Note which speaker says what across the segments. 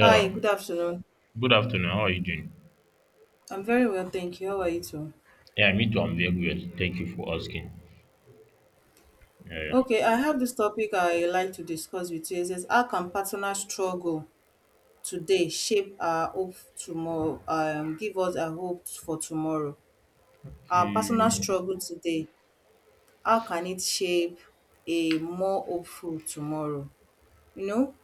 Speaker 1: Hi, good afternoon.
Speaker 2: Good afternoon. How are you doing?
Speaker 1: I'm very well, thank you. How are you too?
Speaker 2: Yeah, me too. I'm very good. Thank you for asking. Yeah, yeah.
Speaker 1: Okay, I have this topic I like to discuss with you. It says, how can partner struggle today shape our hope tomorrow, give us a hope for tomorrow? Our personal
Speaker 2: Okay.
Speaker 1: struggle today, how can it shape a more hopeful tomorrow? You know,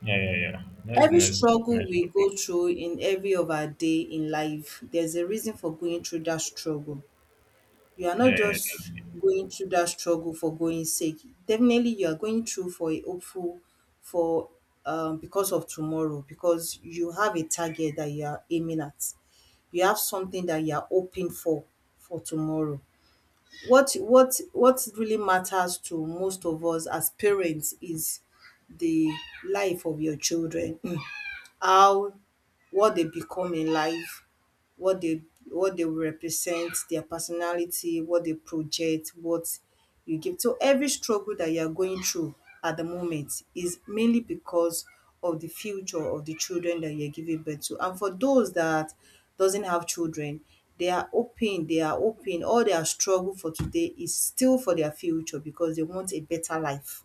Speaker 2: Yeah, yeah, yeah. That's
Speaker 1: every
Speaker 2: nice,
Speaker 1: struggle
Speaker 2: nice
Speaker 1: we go
Speaker 2: topic.
Speaker 1: through in every of our day in life, there's a reason for going through that struggle. You are not
Speaker 2: Yeah,
Speaker 1: just
Speaker 2: yeah,
Speaker 1: going through that struggle for going sake. Definitely you are going through for a hopeful for because of tomorrow, because you have a target that you are aiming at. You have something that you are hoping for tomorrow. What really matters to most of us as parents is the life of your children how what they become in life, what they what they represent, their personality, what they project, what you give. So every struggle that you are going through at the moment is mainly because of the future of the children that you're giving birth to. And for those that doesn't have children, they are open, they are open. All their struggle for today is still for their future because they want a better life,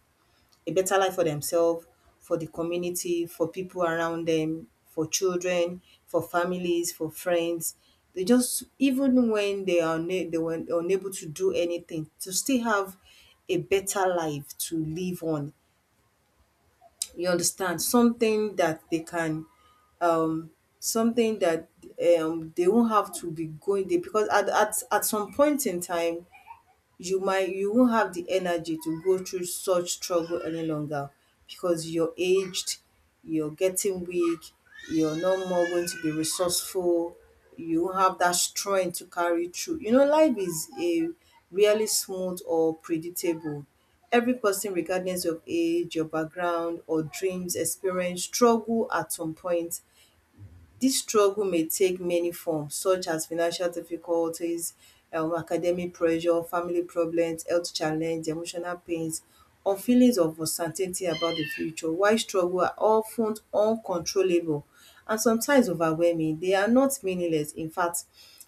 Speaker 1: a better life for themselves, for the community, for people around them, for children, for families, for friends. They just, even when they were unable to do anything, to still have a better life to live on. You understand? Something that they can, um something that they won't have to be going there, because at, at some point in time you won't have the energy to go through such struggle any longer, because you're aged, you're getting weak, you're no more going to be resourceful, you won't have that strength to carry through. Life is a really smooth or predictable. Every person, regardless of age, your background, or dreams, experience struggle at some point. This struggle may take many forms such as financial difficulties, academic pressure, family problems, health challenge, emotional pains or feelings of uncertainty about the future, while struggle are of ten uncontrollable and sometimes overwhelming. They are not meaningless, in fact.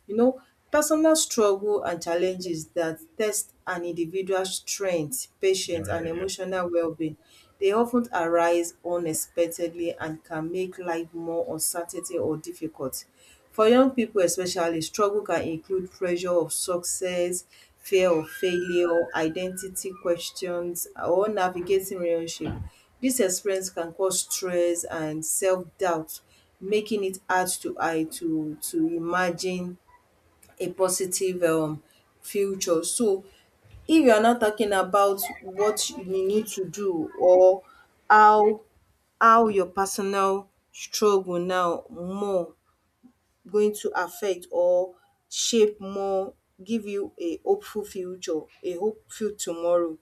Speaker 1: You know, personal struggle and challenges that test an individual's strength,
Speaker 2: yeah,
Speaker 1: patience,
Speaker 2: yeah,
Speaker 1: and
Speaker 2: yeah, yeah,
Speaker 1: emotional well-being. They often arise unexpectedly and can make life more uncertainty or difficult. For young people especially, struggle can include pressure of success, fear of failure, identity questions, or navigating relationship. This experience can cause stress and self-doubt, making it hard to I to imagine a positive, future. So if you are not talking about what you need to do, or how how your personal struggle now more going to affect or shape more give you a hopeful future, a hopeful tomorrow,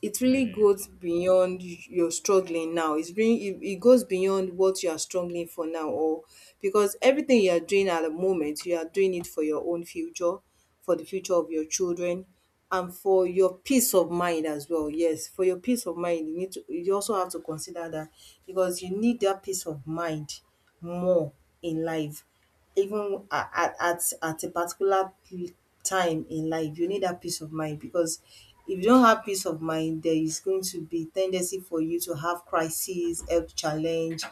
Speaker 1: it
Speaker 2: yeah,
Speaker 1: really
Speaker 2: yeah.
Speaker 1: goes beyond your struggling now. It's really, it goes beyond what you are struggling for now, or because everything you are doing at the moment, you are doing it for your own future, for the future of your children, and for your peace of mind as well. Yes, for your peace of mind, you also have to consider that, because you need that peace of mind more in life, even at at a particular, time in life you need that peace of mind, because if you don't have peace of mind there is going to be tendency for you to have crises, health challenge,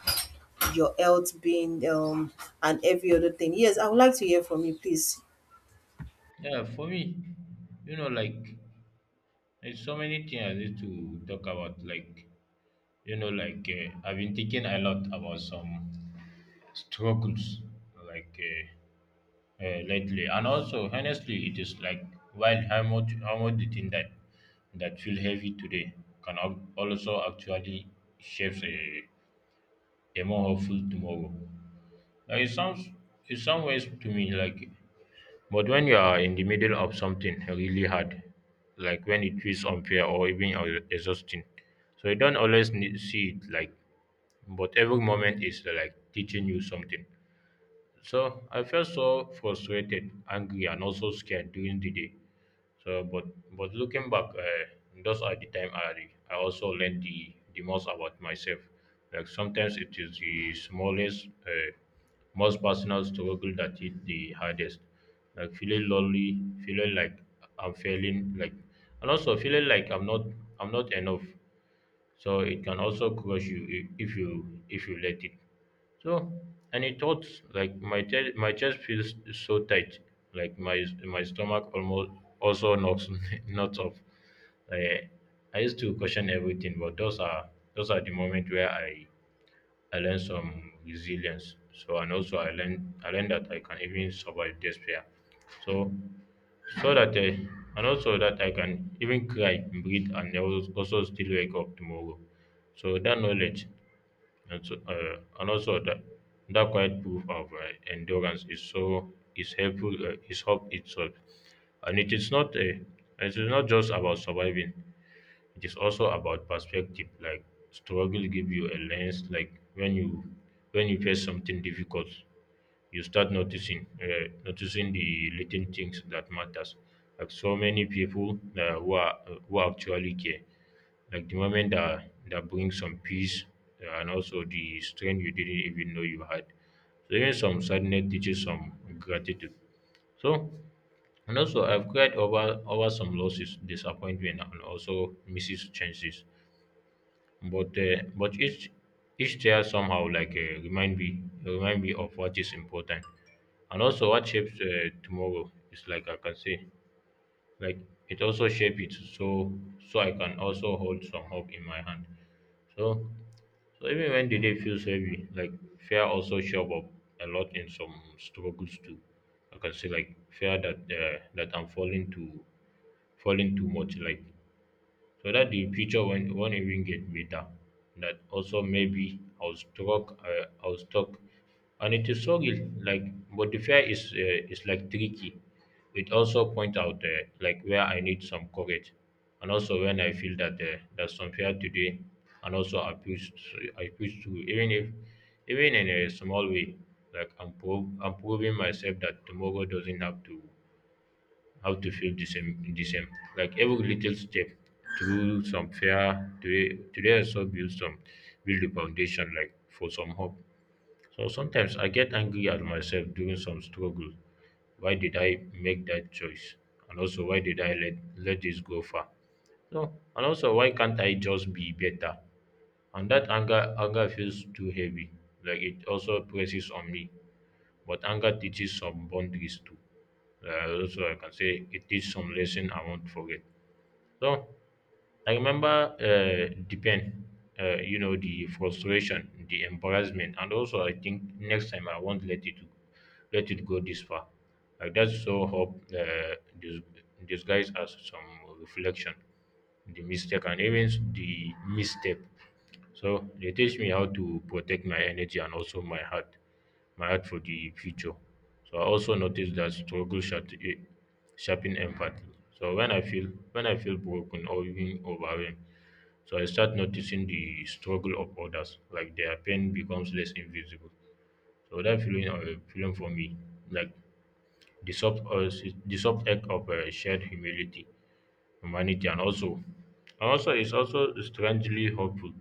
Speaker 1: your health being, and every other thing. Yes, I would like to hear from you please.
Speaker 2: Yeah, for me, you know, like there's so many things I need to talk about. Like, like I've been thinking a lot about some struggles, like. Lately. And also, honestly, it is like wild how much the thing that feel heavy today can also actually shapes a more hopeful tomorrow. Like it sounds in some ways to me, like, but when you are in the middle of something really hard, like when it feels unfair or even exhausting, so you don't always need, see it like, but every moment is like teaching you something. So I felt so frustrated, angry, and also scared during the day. So, but but looking back, those are the time I also learned the most about myself. Like sometimes it is the smallest, most personal struggle that is the hardest. Like feeling lonely, feeling like I'm failing, like and also feeling like I'm not enough. So it can also crush you if you let it. So and it hurts like my my chest feels so tight, like my stomach almost also knocks knots off. Like, I used to question everything, but those are the moment where I learned some resilience. So and also I learned that I can even survive despair. So so that I, and also that I can even cry, breathe, and I will also still wake up tomorrow. So that knowledge, and, so, and also that that quiet proof of endurance is helpful is hope itself, and it is not a it is not just about surviving. It is also about perspective, like struggle give you a lens. Like when you face something difficult, you start noticing the little things that matters. Like so many people who are who actually care like the moment that brings some peace and also the strength you didn't even know you had. So even some sadness teaches some gratitude. So and also, I've cried over some losses, disappointment, and also misses chances. But each tear somehow like remind me of what is important, and also what shapes tomorrow. It's like I can say like it also shape it so so I can also hold some hope in my hand. So so even when the day feels heavy, like fear also show up a lot in some struggles too. I can say like fear that that I'm falling too much, like so that the future won't even get better, that also maybe I was stuck and it is so like but the fear is like tricky, it also point out like where I need some courage, and also when I feel that there's some fear today, and also I push through, even if even in a small way, like I'm, I'm proving myself that tomorrow doesn't have to how to feel the same. Like every little step through some fear today also build some build the foundation like for some hope. So sometimes I get angry at myself during some struggle. Why did I make that choice? And also why did I let this go far? So and also why can't I just be better? And that anger feels too heavy. Like it also presses on me, but anger teaches some boundaries too. So I can say it teaches some lesson I won't forget. So I remember the pain, the frustration, the embarrassment, and also I think next time I won't let it go this far. Like that's so hope disguised as some reflection, the mistake, and even the misstep. So they teach me how to protect my energy and also my heart for the future. So I also noticed that struggle sharpen empathy. So when I feel broken or even overwhelmed, so I start noticing the struggle of others, like their pain becomes less invisible. So that feeling, for me, like the soft, uh, the soft act of shared humility, humanity, and also, it's also strangely hopeful,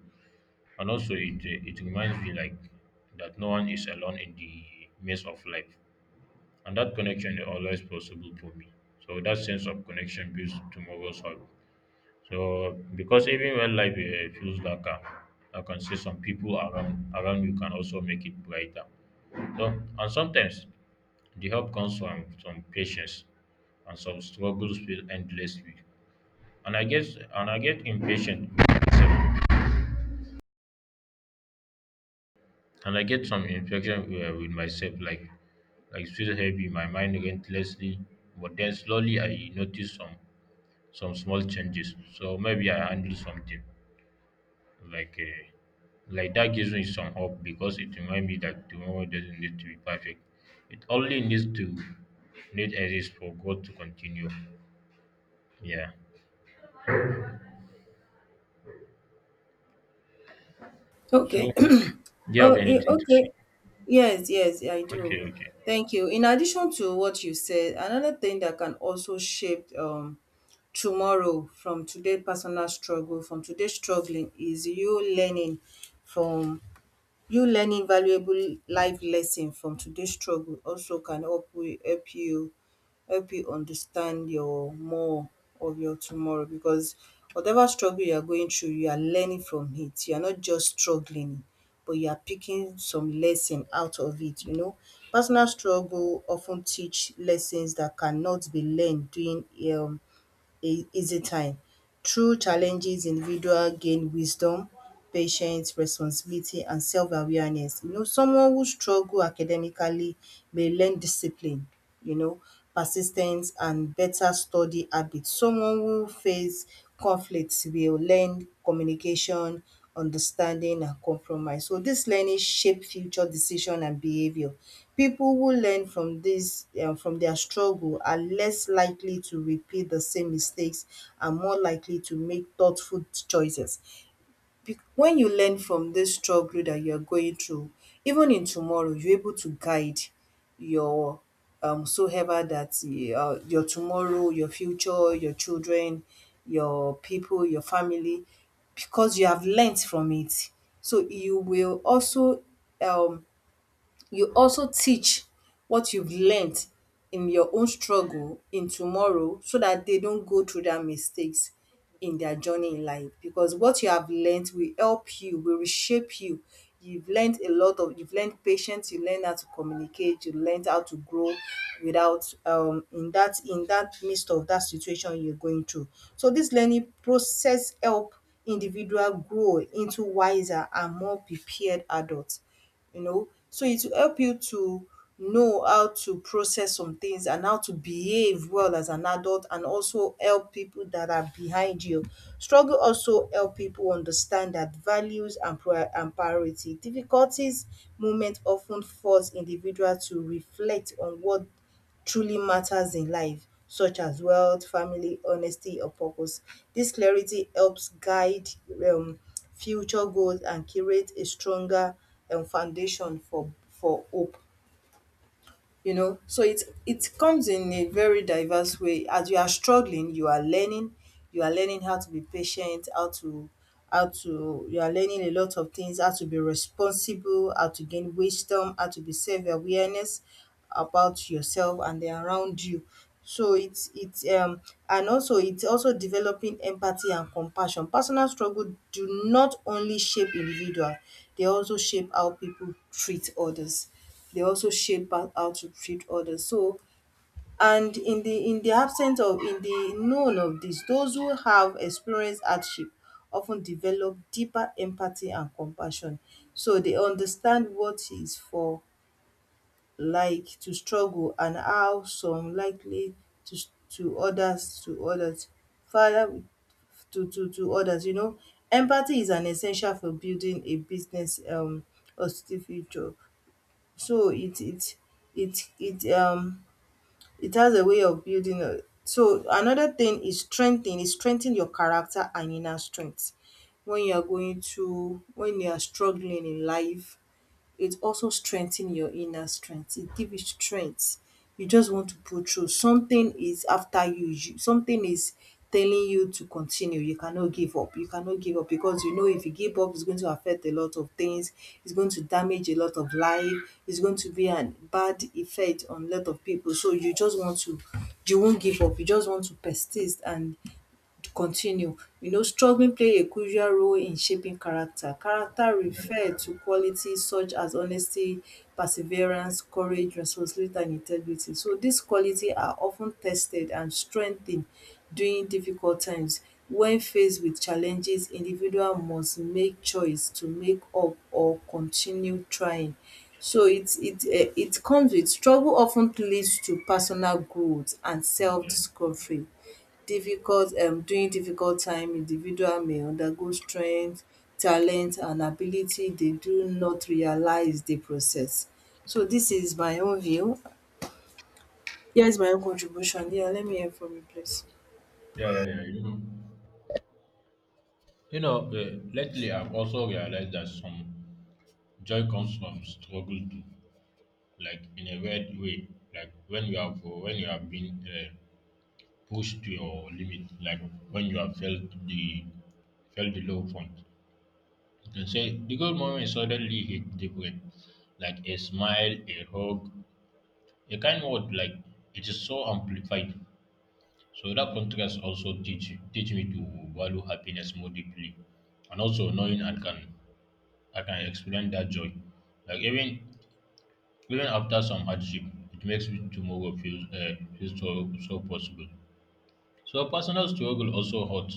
Speaker 2: and also, it, it reminds me like that no one is alone in the maze of life. And that connection is always possible for me. So that sense of connection builds tomorrow's hope. So because even when life feels darker, I can see some people around you can also make it brighter. So and sometimes the help comes from some patience and some struggles feel endlessly. And I get impatient with myself, and I get some infection with myself, like feel heavy, my mind relentlessly. But then slowly I notice some small changes. So maybe I handle something like uh, like that gives me some hope because it reminds me that tomorrow doesn't need to be perfect. It only needs to need exist for God to continue. Yeah.
Speaker 1: Okay.
Speaker 2: So do you have
Speaker 1: Oh,
Speaker 2: anything to say?
Speaker 1: okay. Yes, yes, I
Speaker 2: Okay.
Speaker 1: do.
Speaker 2: Okay.
Speaker 1: Thank you. In addition to what you said, another thing that can also shape, tomorrow, from today personal struggle, from today struggling, is you learning from, you learning valuable life lesson from today struggle, also can help, we help you understand your more of your tomorrow, because whatever struggle you are going through you are learning from it. You are not just struggling, but you are picking some lesson out of it. Personal struggle often teach lessons that cannot be learned during, um a easy time. Through challenges, individual gain wisdom, patience, responsibility and self-awareness. Someone who struggle academically may learn discipline, you know, persistence and better study habits. Someone who face conflicts will learn communication, understanding and compromise. So this learning shape future decision and behaviour. People who learn from this, from their struggle, are less likely to repeat the same mistakes and more likely to make thoughtful choices. Bec when you learn from this struggle that you are going through, even in tomorrow, you're able to guide your, so ever that, your tomorrow, your future, your children, your people, your family, because you have learnt from it. So um you also teach what you've learnt in your own struggle in tomorrow, so that they don't go through dat mistakes in their journey in life, because what you have learnt will help you, will reshape you. You've learnt a lot of you've learnt patience, you learn how to communicate, you learnt how to grow without, in that midst of that situation you're going through. So this learning process help individual grow into wiser and more prepared adults. So it will help you to know how to process some things and how to behave well as an adult, and also help people that are behind you. Struggle also help people understand that values and priority difficulties moment often force individuals to reflect on what truly matters in life, such as wealth, family, honesty, or purpose. This clarity helps guide, um future goals, and create a stronger, foundation for hope. So it comes in a very diverse way. As you are struggling you are learning, how to be patient, how to you are learning a lot of things, how to be responsible, how to gain wisdom, how to be self-awareness about yourself and the around you. So it's and also it's also developing empathy and compassion. Personal struggle do not only shape individual, they also shape how people treat others. They also shape how to treat others. So, and in the absence of, in the known of this, those who have experienced hardship of ten develop deeper empathy and compassion. So they understand what is for like to struggle, and how some likely to others, further to others. Empathy is an essential for building a business, positive future. So it it um it has a way of building a, so another thing is, strengthening is strengthen your character and inner strength. When you are going to when you are struggling in life, it also strengthen your inner strength, it give you strength. You just want to pull through. Something is after you something is telling you to continue, you cannot give up, you cannot give up, because you know if you give up it's going to affect a lot of things, it's going to damage a lot of life, it's going to be an bad effect on a lot of people. So you won't give up, you just want to persist and to continue. Struggling play a crucial role in shaping character. Character refer to qualities such as honesty, perseverance, courage, responsibility and integrity. So these qualities are often tested and strengthened during difficult times. When faced with challenges, individual must make choice to make up or continue trying. So it comes with struggle. Often leads to personal growth and self discovery. Difficult um during difficult time, individual may undergo strength, talent and ability they do not realise di process. So this is my own view, here is my own contribution. Yeah, let me hear from you please.
Speaker 2: Yeah. Yeah. Yeah. You know. You know. Lately, I've also realized that some joy comes from struggle too, like in a weird way, like when you have been pushed to your limit, like when you have the felt the low point. You can say the good moment suddenly hit different, like a smile, a hug, a kind word. Like it is so amplified. So that contrast also teach me to value happiness more deeply, and also knowing I can explain that joy, like even even after some hardship, it makes tomorrow feel, feel so, so possible. So personal struggle also hurt.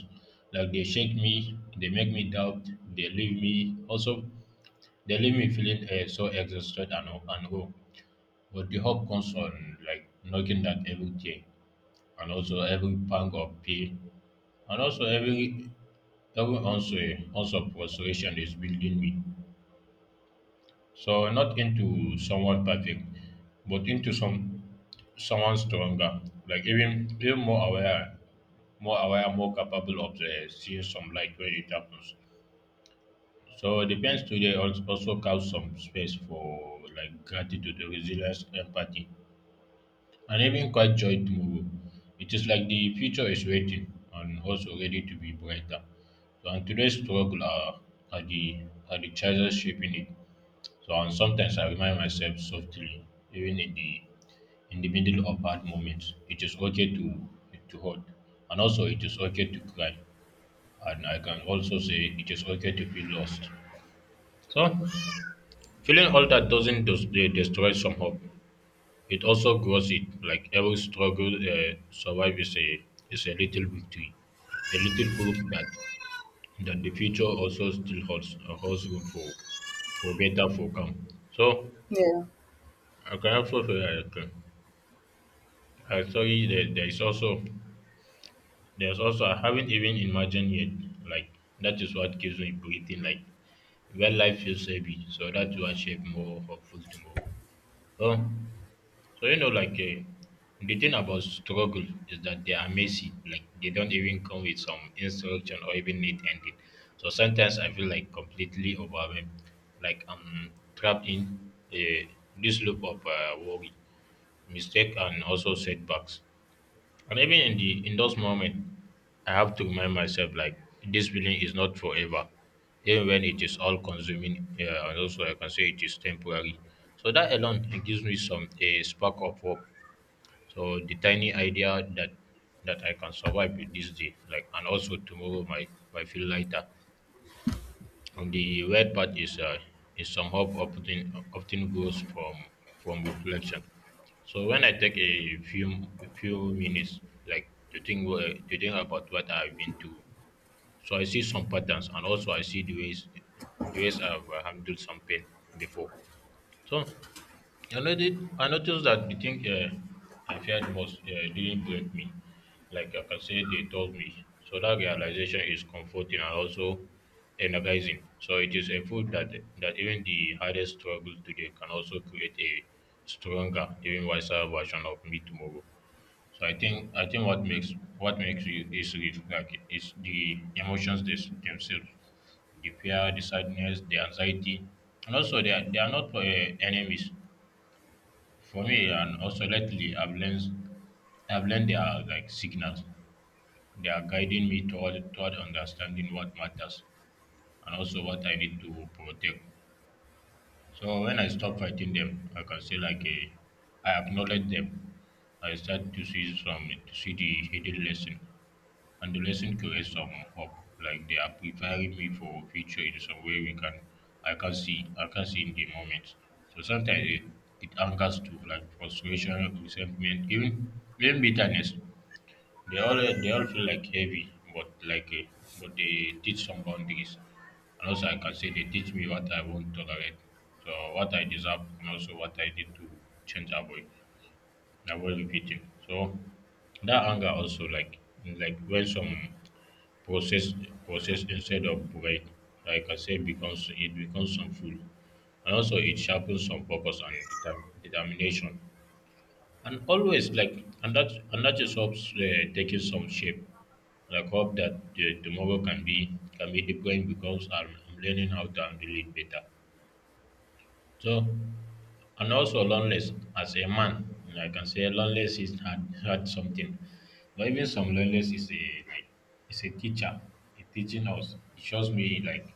Speaker 2: Like they shake me, they make me doubt, they leave me also they leave me feeling so exhausted and hope. But the hope comes on like knocking at every day, and also every pang of pain, and also every every also also frustration is building me. So not into someone perfect, but into some someone's stronger, like even more aware, more capable of seeing some light when it happens. So the defense today also carves some space for like gratitude, resilience, empathy, and even quite joy tomorrow. It is like the future is waiting and also ready to be brighter. So and today's struggle are the choices shaping it. So and sometimes I remind myself softly, even in the middle of hard moments. It is okay to hurt, and also it is okay to cry. And I can also say it is okay to feel lost. So feeling all that doesn't destroy some hope. It also grows it. Like every struggle, survive is a little victory, a little proof that the future also still holds holds room for better for come. So
Speaker 1: Yeah,
Speaker 2: I can also say I can. I saw that there is also there's also I haven't even imagined yet. Like that is what keeps me breathing. Like where life feels heavy, so that's what shape more hopeful tomorrow. Oh, so you know, like the thing about struggle is that they are messy. Like they don't even come with some instruction or even neat ending. So sometimes I feel like completely overwhelmed, like I'm trapped in this loop of worry, mistake, and also setbacks. And even in the in those moments, I have to remind myself like this feeling is not forever, even when it is all consuming. Yeah, and also I can say it is temporary. So that alone it gives me some a spark of hope. So the tiny idea that I can survive with this day, like, and also tomorrow might feel lighter. And the weird part is some hope often goes from reflection. So when I take a few minutes, like to think to think about what I've been through, so I see some patterns, and also I see the ways I've handled some pain before. So I noticed that the thing I feared most didn't break me. Like I can say, they told me. So that realization is comforting and also energizing. So it is a food that that even the hardest struggle today can also create a stronger, even wiser version of me tomorrow. So I think what makes you is real, like is the emotions this, themselves, the fear, the sadness, the anxiety, and also they are not enemies for me, and also lately, I've learned there are like signals. They are guiding me toward understanding what matters and also what I need to protect. So when I stop fighting them, I can say I acknowledge them. I start to see the hidden lesson and the lesson creates some hope. Like they are preparing me for a future in some way we can I can see in the moment. So it angers too, like frustration, resentment, even bitterness. They all feel like heavy, but they teach some boundaries. And also I can say they teach me what I won't tolerate. So what I deserve and also what I need to change avoid repeating. So that anger also like when some process process instead of break like I say becomes some food and also it sharpens some focus and determination and always and that is hopes taking some shape like hope that the tomorrow can be different because I'm learning how to handle it better so, and also loneliness. As a man, you know, I can say loneliness is had something. But even some loneliness is a, is a teacher. It teaching us. It shows me like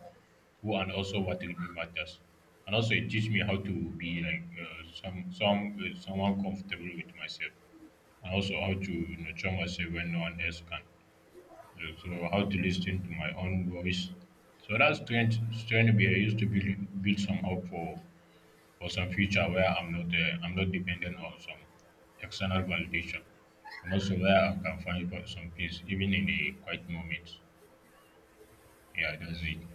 Speaker 2: who and also what really matters. And also it teaches me how to be like someone comfortable with myself. And also how to nurture myself when no one else can. So how to listen to my own voice. So that strength strength be I used to build some hope for some future where I'm not dependent on some external validation, and also where I can find for some peace even in a quiet moment. Yeah, that's it.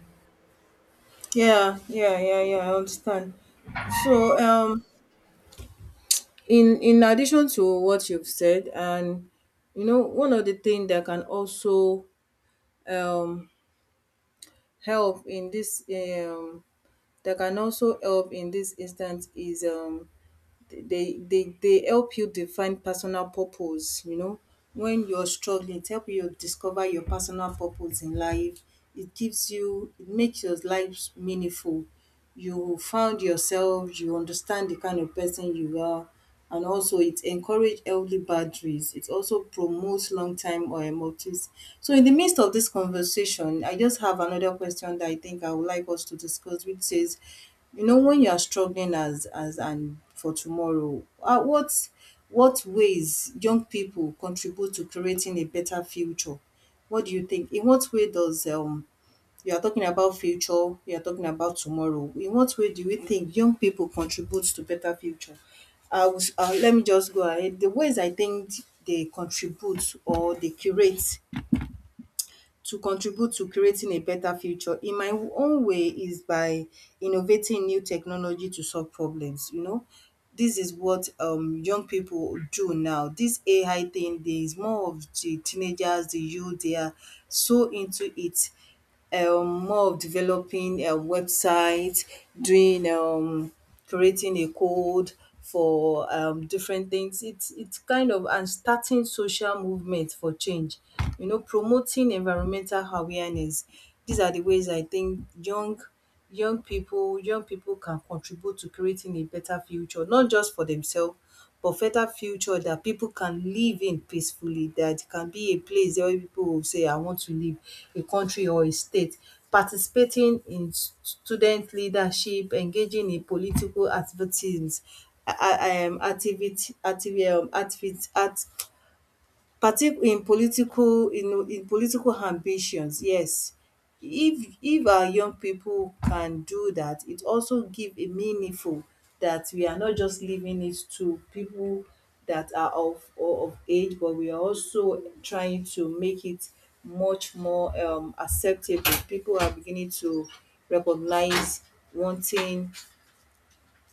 Speaker 1: yeah, yeah, yeah, yeah, I understand. So, in addition to what you've said, and one of the things that can also, um help in this, that can also help in this instance is, they help you define personal purpose. When you're struggling it help you discover your personal purpose in life. It gives you, it makes your life meaningful. You found yourself, you understand the kind of person you are, and also it encourage healthy boundaries, it also promotes long time or motives. So in the midst of this conversation I just have another question that I think I would like us to discuss, which says, when you are struggling as and for tomorrow, what ways young people contribute to creating a better future? What do you think? In what way does you are talking about future, you are talking about tomorrow. In what way do you think young people contribute to better future? I will let me just go ahead. The ways I think they contribute or they curate to contribute to creating a better future in my own way is by innovating new technology to solve problems, you know. This is what young people do now. This AI thing, there is more of the teenagers, the youth, they are so into it. More of developing a website, doing creating a code for different things. It's kind of and starting social movement for change, you know, promoting environmental awareness. These are the ways I think young people can contribute to creating a better future, not just for themselves, but better future that people can live in peacefully, that it can be a place there where people will say, I want to live, a country or a state. Participating in student leadership, engaging in political activities, activity, activity, activi- partic in political ambitions, yes. If our young people can do that, it also give a meaningful that we are not just leaving it to people that are of age, but we are also trying to make it much more acceptable. People are beginning to recognise, wanting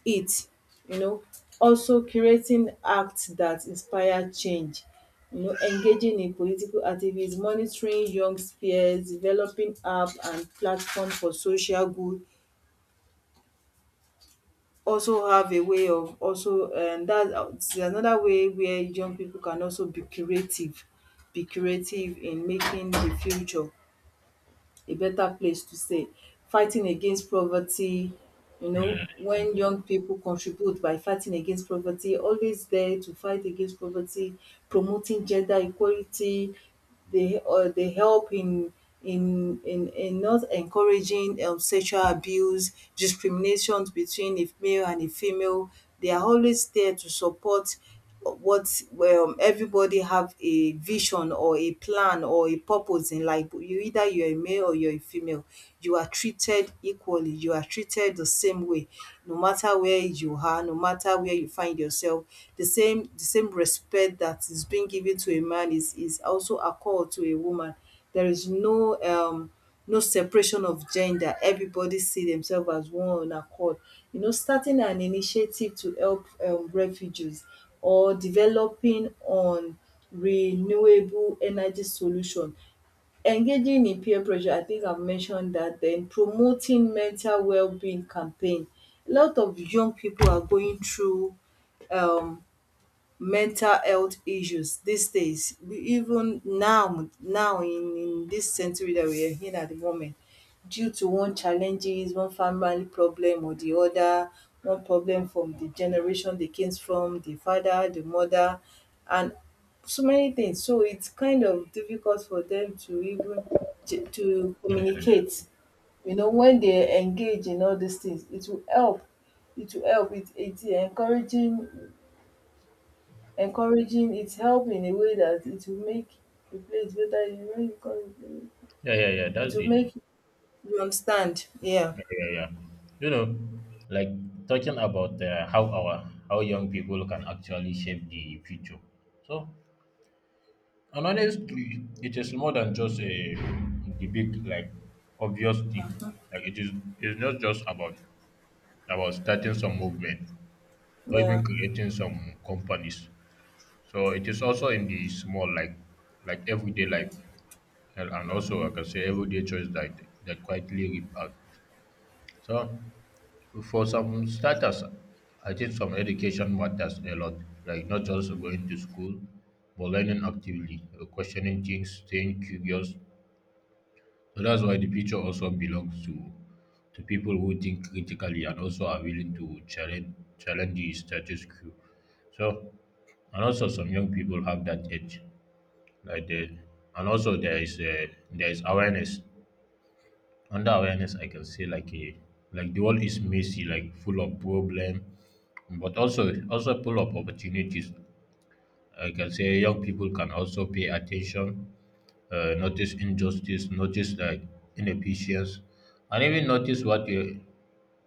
Speaker 1: it, you know, also curating acts that inspire change, you know, engaging in political activism, monitoring young peers, developing app and platform for social good, also have a way of also that's another way where young people can also be creative, be creative in making the future a better place to stay. Fighting against poverty, you know,
Speaker 2: Yeah,
Speaker 1: when young people contribute by fighting against poverty, always there to fight against poverty, promoting gender equality, they or they help in in not encouraging sexual abuse, discriminations between a male and a female. They are always there to support what everybody have a vision or a plan or a purpose in life. You either you're a male or you're a female, you are treated equally, you are treated the same way, no matter where you are, no matter where you find yourself. The same respect that is being given to a man is also accord to a woman. There is no separation of gender. Everybody see themselves as one on accord, you know, starting an initiative to help refugees or developing on renewable energy solution, engaging in peer pressure, I think I've mentioned that. Then promoting mental well-being campaign. A lot of young people are going through um mental health issues these days. We even now in this century that we are in at the moment, due to one challenges, one family problem or the other, one problem from the generation dey came from, the father, the mother, and so many things. So its kind of difficult for them to even to
Speaker 2: yeah, yeah.
Speaker 1: communicate, you know. When they engage in all these things, it will help, it will help, it encouraging it help in a way that it will make the place better, you know, you come
Speaker 2: Yeah, yeah, yeah. That's
Speaker 1: it will
Speaker 2: it.
Speaker 1: make you understand. Yeah.
Speaker 2: Yeah, yeah, yeah. You know, like talking about how young people can actually shape the future. So, and honestly, it is more than just a the big obvious thing.
Speaker 1: Mhm.
Speaker 2: Like it's not just about starting some movement, or
Speaker 1: Yeah.
Speaker 2: even creating some companies. So it is also in the small, like everyday life, and also I
Speaker 1: Mhm.
Speaker 2: can say everyday choice that quietly rip out. So for some starters, I think some education matters a lot, like not just going to school, but learning actively, questioning things, staying curious. So that's why the future also belongs to people who think critically and also are willing to challenge the status quo. So and also some young people have that edge like they, and also there is awareness under awareness I can say like the world is messy like full of problem but also full of opportunities. I can say young people can also pay attention, notice injustice, notice like inefficiency and even notice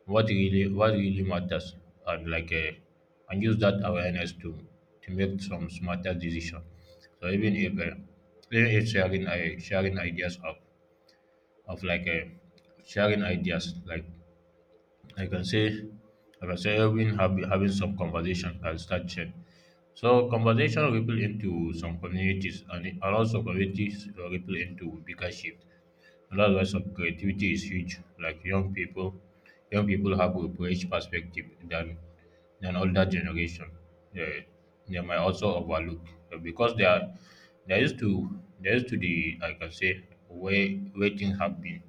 Speaker 2: what really matters and and use that awareness to make some smarter decision. So even if sharing ideas of like sharing ideas like I can say I can say even having some conversation and start change. So conversation ripple into some communities and also communities ripple into bigger shift. Another lesson, creativity is huge. Young people have a fresh perspective than older generation. They, they might also overlook because they are they used to the, like I can say way things have been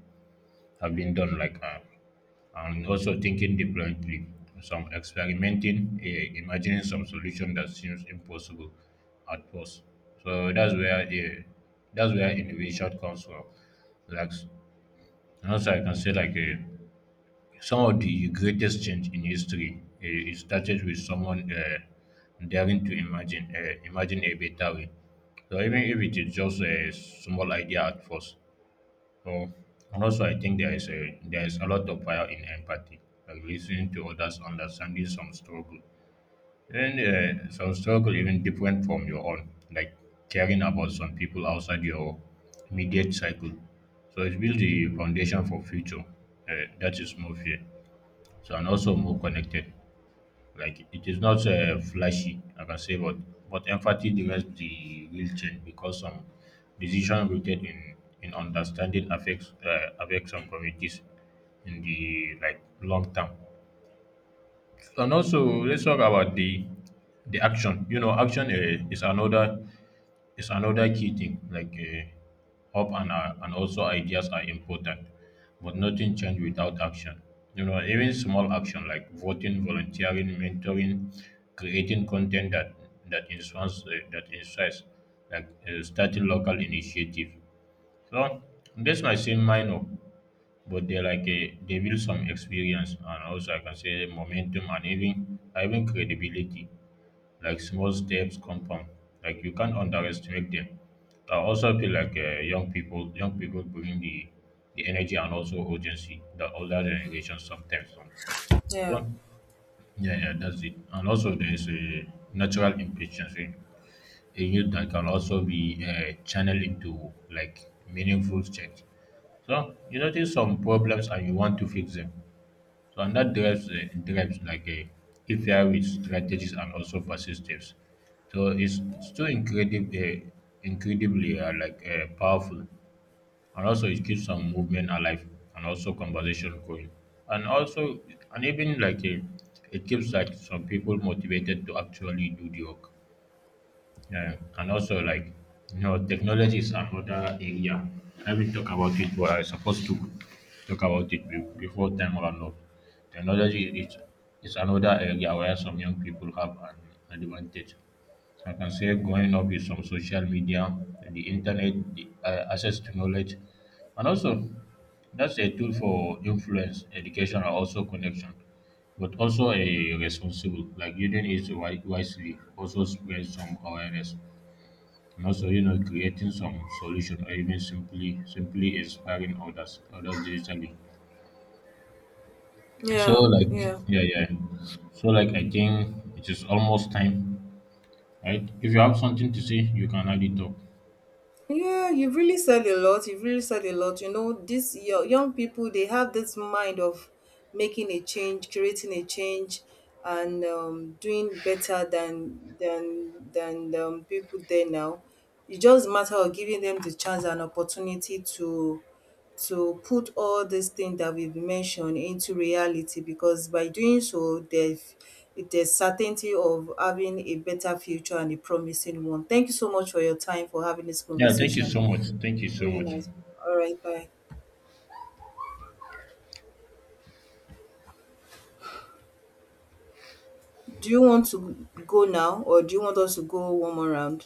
Speaker 2: done and also thinking differently. Some experimenting, imagining some solution that seems impossible at first. So that's where innovation comes from. Like and also, I can say some of the greatest change in history, it started with someone daring to imagine a better way. So even if it is just a small idea at first. So and also, I think there is a lot of power in empathy, like listening to others, understanding some struggle, and some struggle even different from your own, like caring about some people outside your immediate cycle. So it builds the foundation for future Uh, that is more fair. So and also more connected. Like it is not flashy, like I can say, but empathy drives the real change because some decision rooted in understanding affects affects some communities in the like long term. And also, let's talk about the action. You know, action is another key thing. Like hope and also ideas are important, but nothing change without action. You know, even small action like voting, volunteering, mentoring, creating content that that inspires, starting local initiative. So this might seem minor, but they are they build some experience and also I can say momentum and even credibility. Like small steps compound. Like you can't underestimate them. I also feel like young people bring the energy and also urgency that older generations sometimes don't.
Speaker 1: Yeah,
Speaker 2: But yeah, yeah, that's it. And also there is a natural impatience in youth that can also be channeled into like meaningful change. So you notice some problems and you want to fix them, so and that drives drives like a KPI with strategies and also persistence. So it's too incredibly powerful, and also it keeps some movement alive and also conversation going, and also and even like it keeps like some people motivated to actually do the work. Yeah, and also like you know, technology is another area. I will talk about it, but I supposed to talk about it before time run up. Technology is another area where some young people have an advantage. So I can say growing up with some social media, the internet, the access to knowledge, and also that's a tool for influence, education, and also connection. But also a responsible, like using it wisely, also spread some awareness and also you know creating some solution or even simply inspiring others digitally. So
Speaker 1: yeah,
Speaker 2: like
Speaker 1: yeah,
Speaker 2: yeah, yeah. So like I think it is almost time, right? If you have something to say, you can add it up.
Speaker 1: yeah, you've really said a lot, you've really said a lot, you know. These young people, they have this mind of making a change, creating a change, and doing better than people there now. It's just a matter of giving them the chance and opportunity to put all these things that we've mentioned into reality, because by doing so, there's certainty of having a better future and a promising one. Thank you so much for your time for having this
Speaker 2: Yeah, thank you
Speaker 1: conversation.
Speaker 2: so much, thank you
Speaker 1: It's
Speaker 2: so
Speaker 1: really
Speaker 2: much
Speaker 1: nice. All right, bye. Do you want to go now or do you want us to go one more round?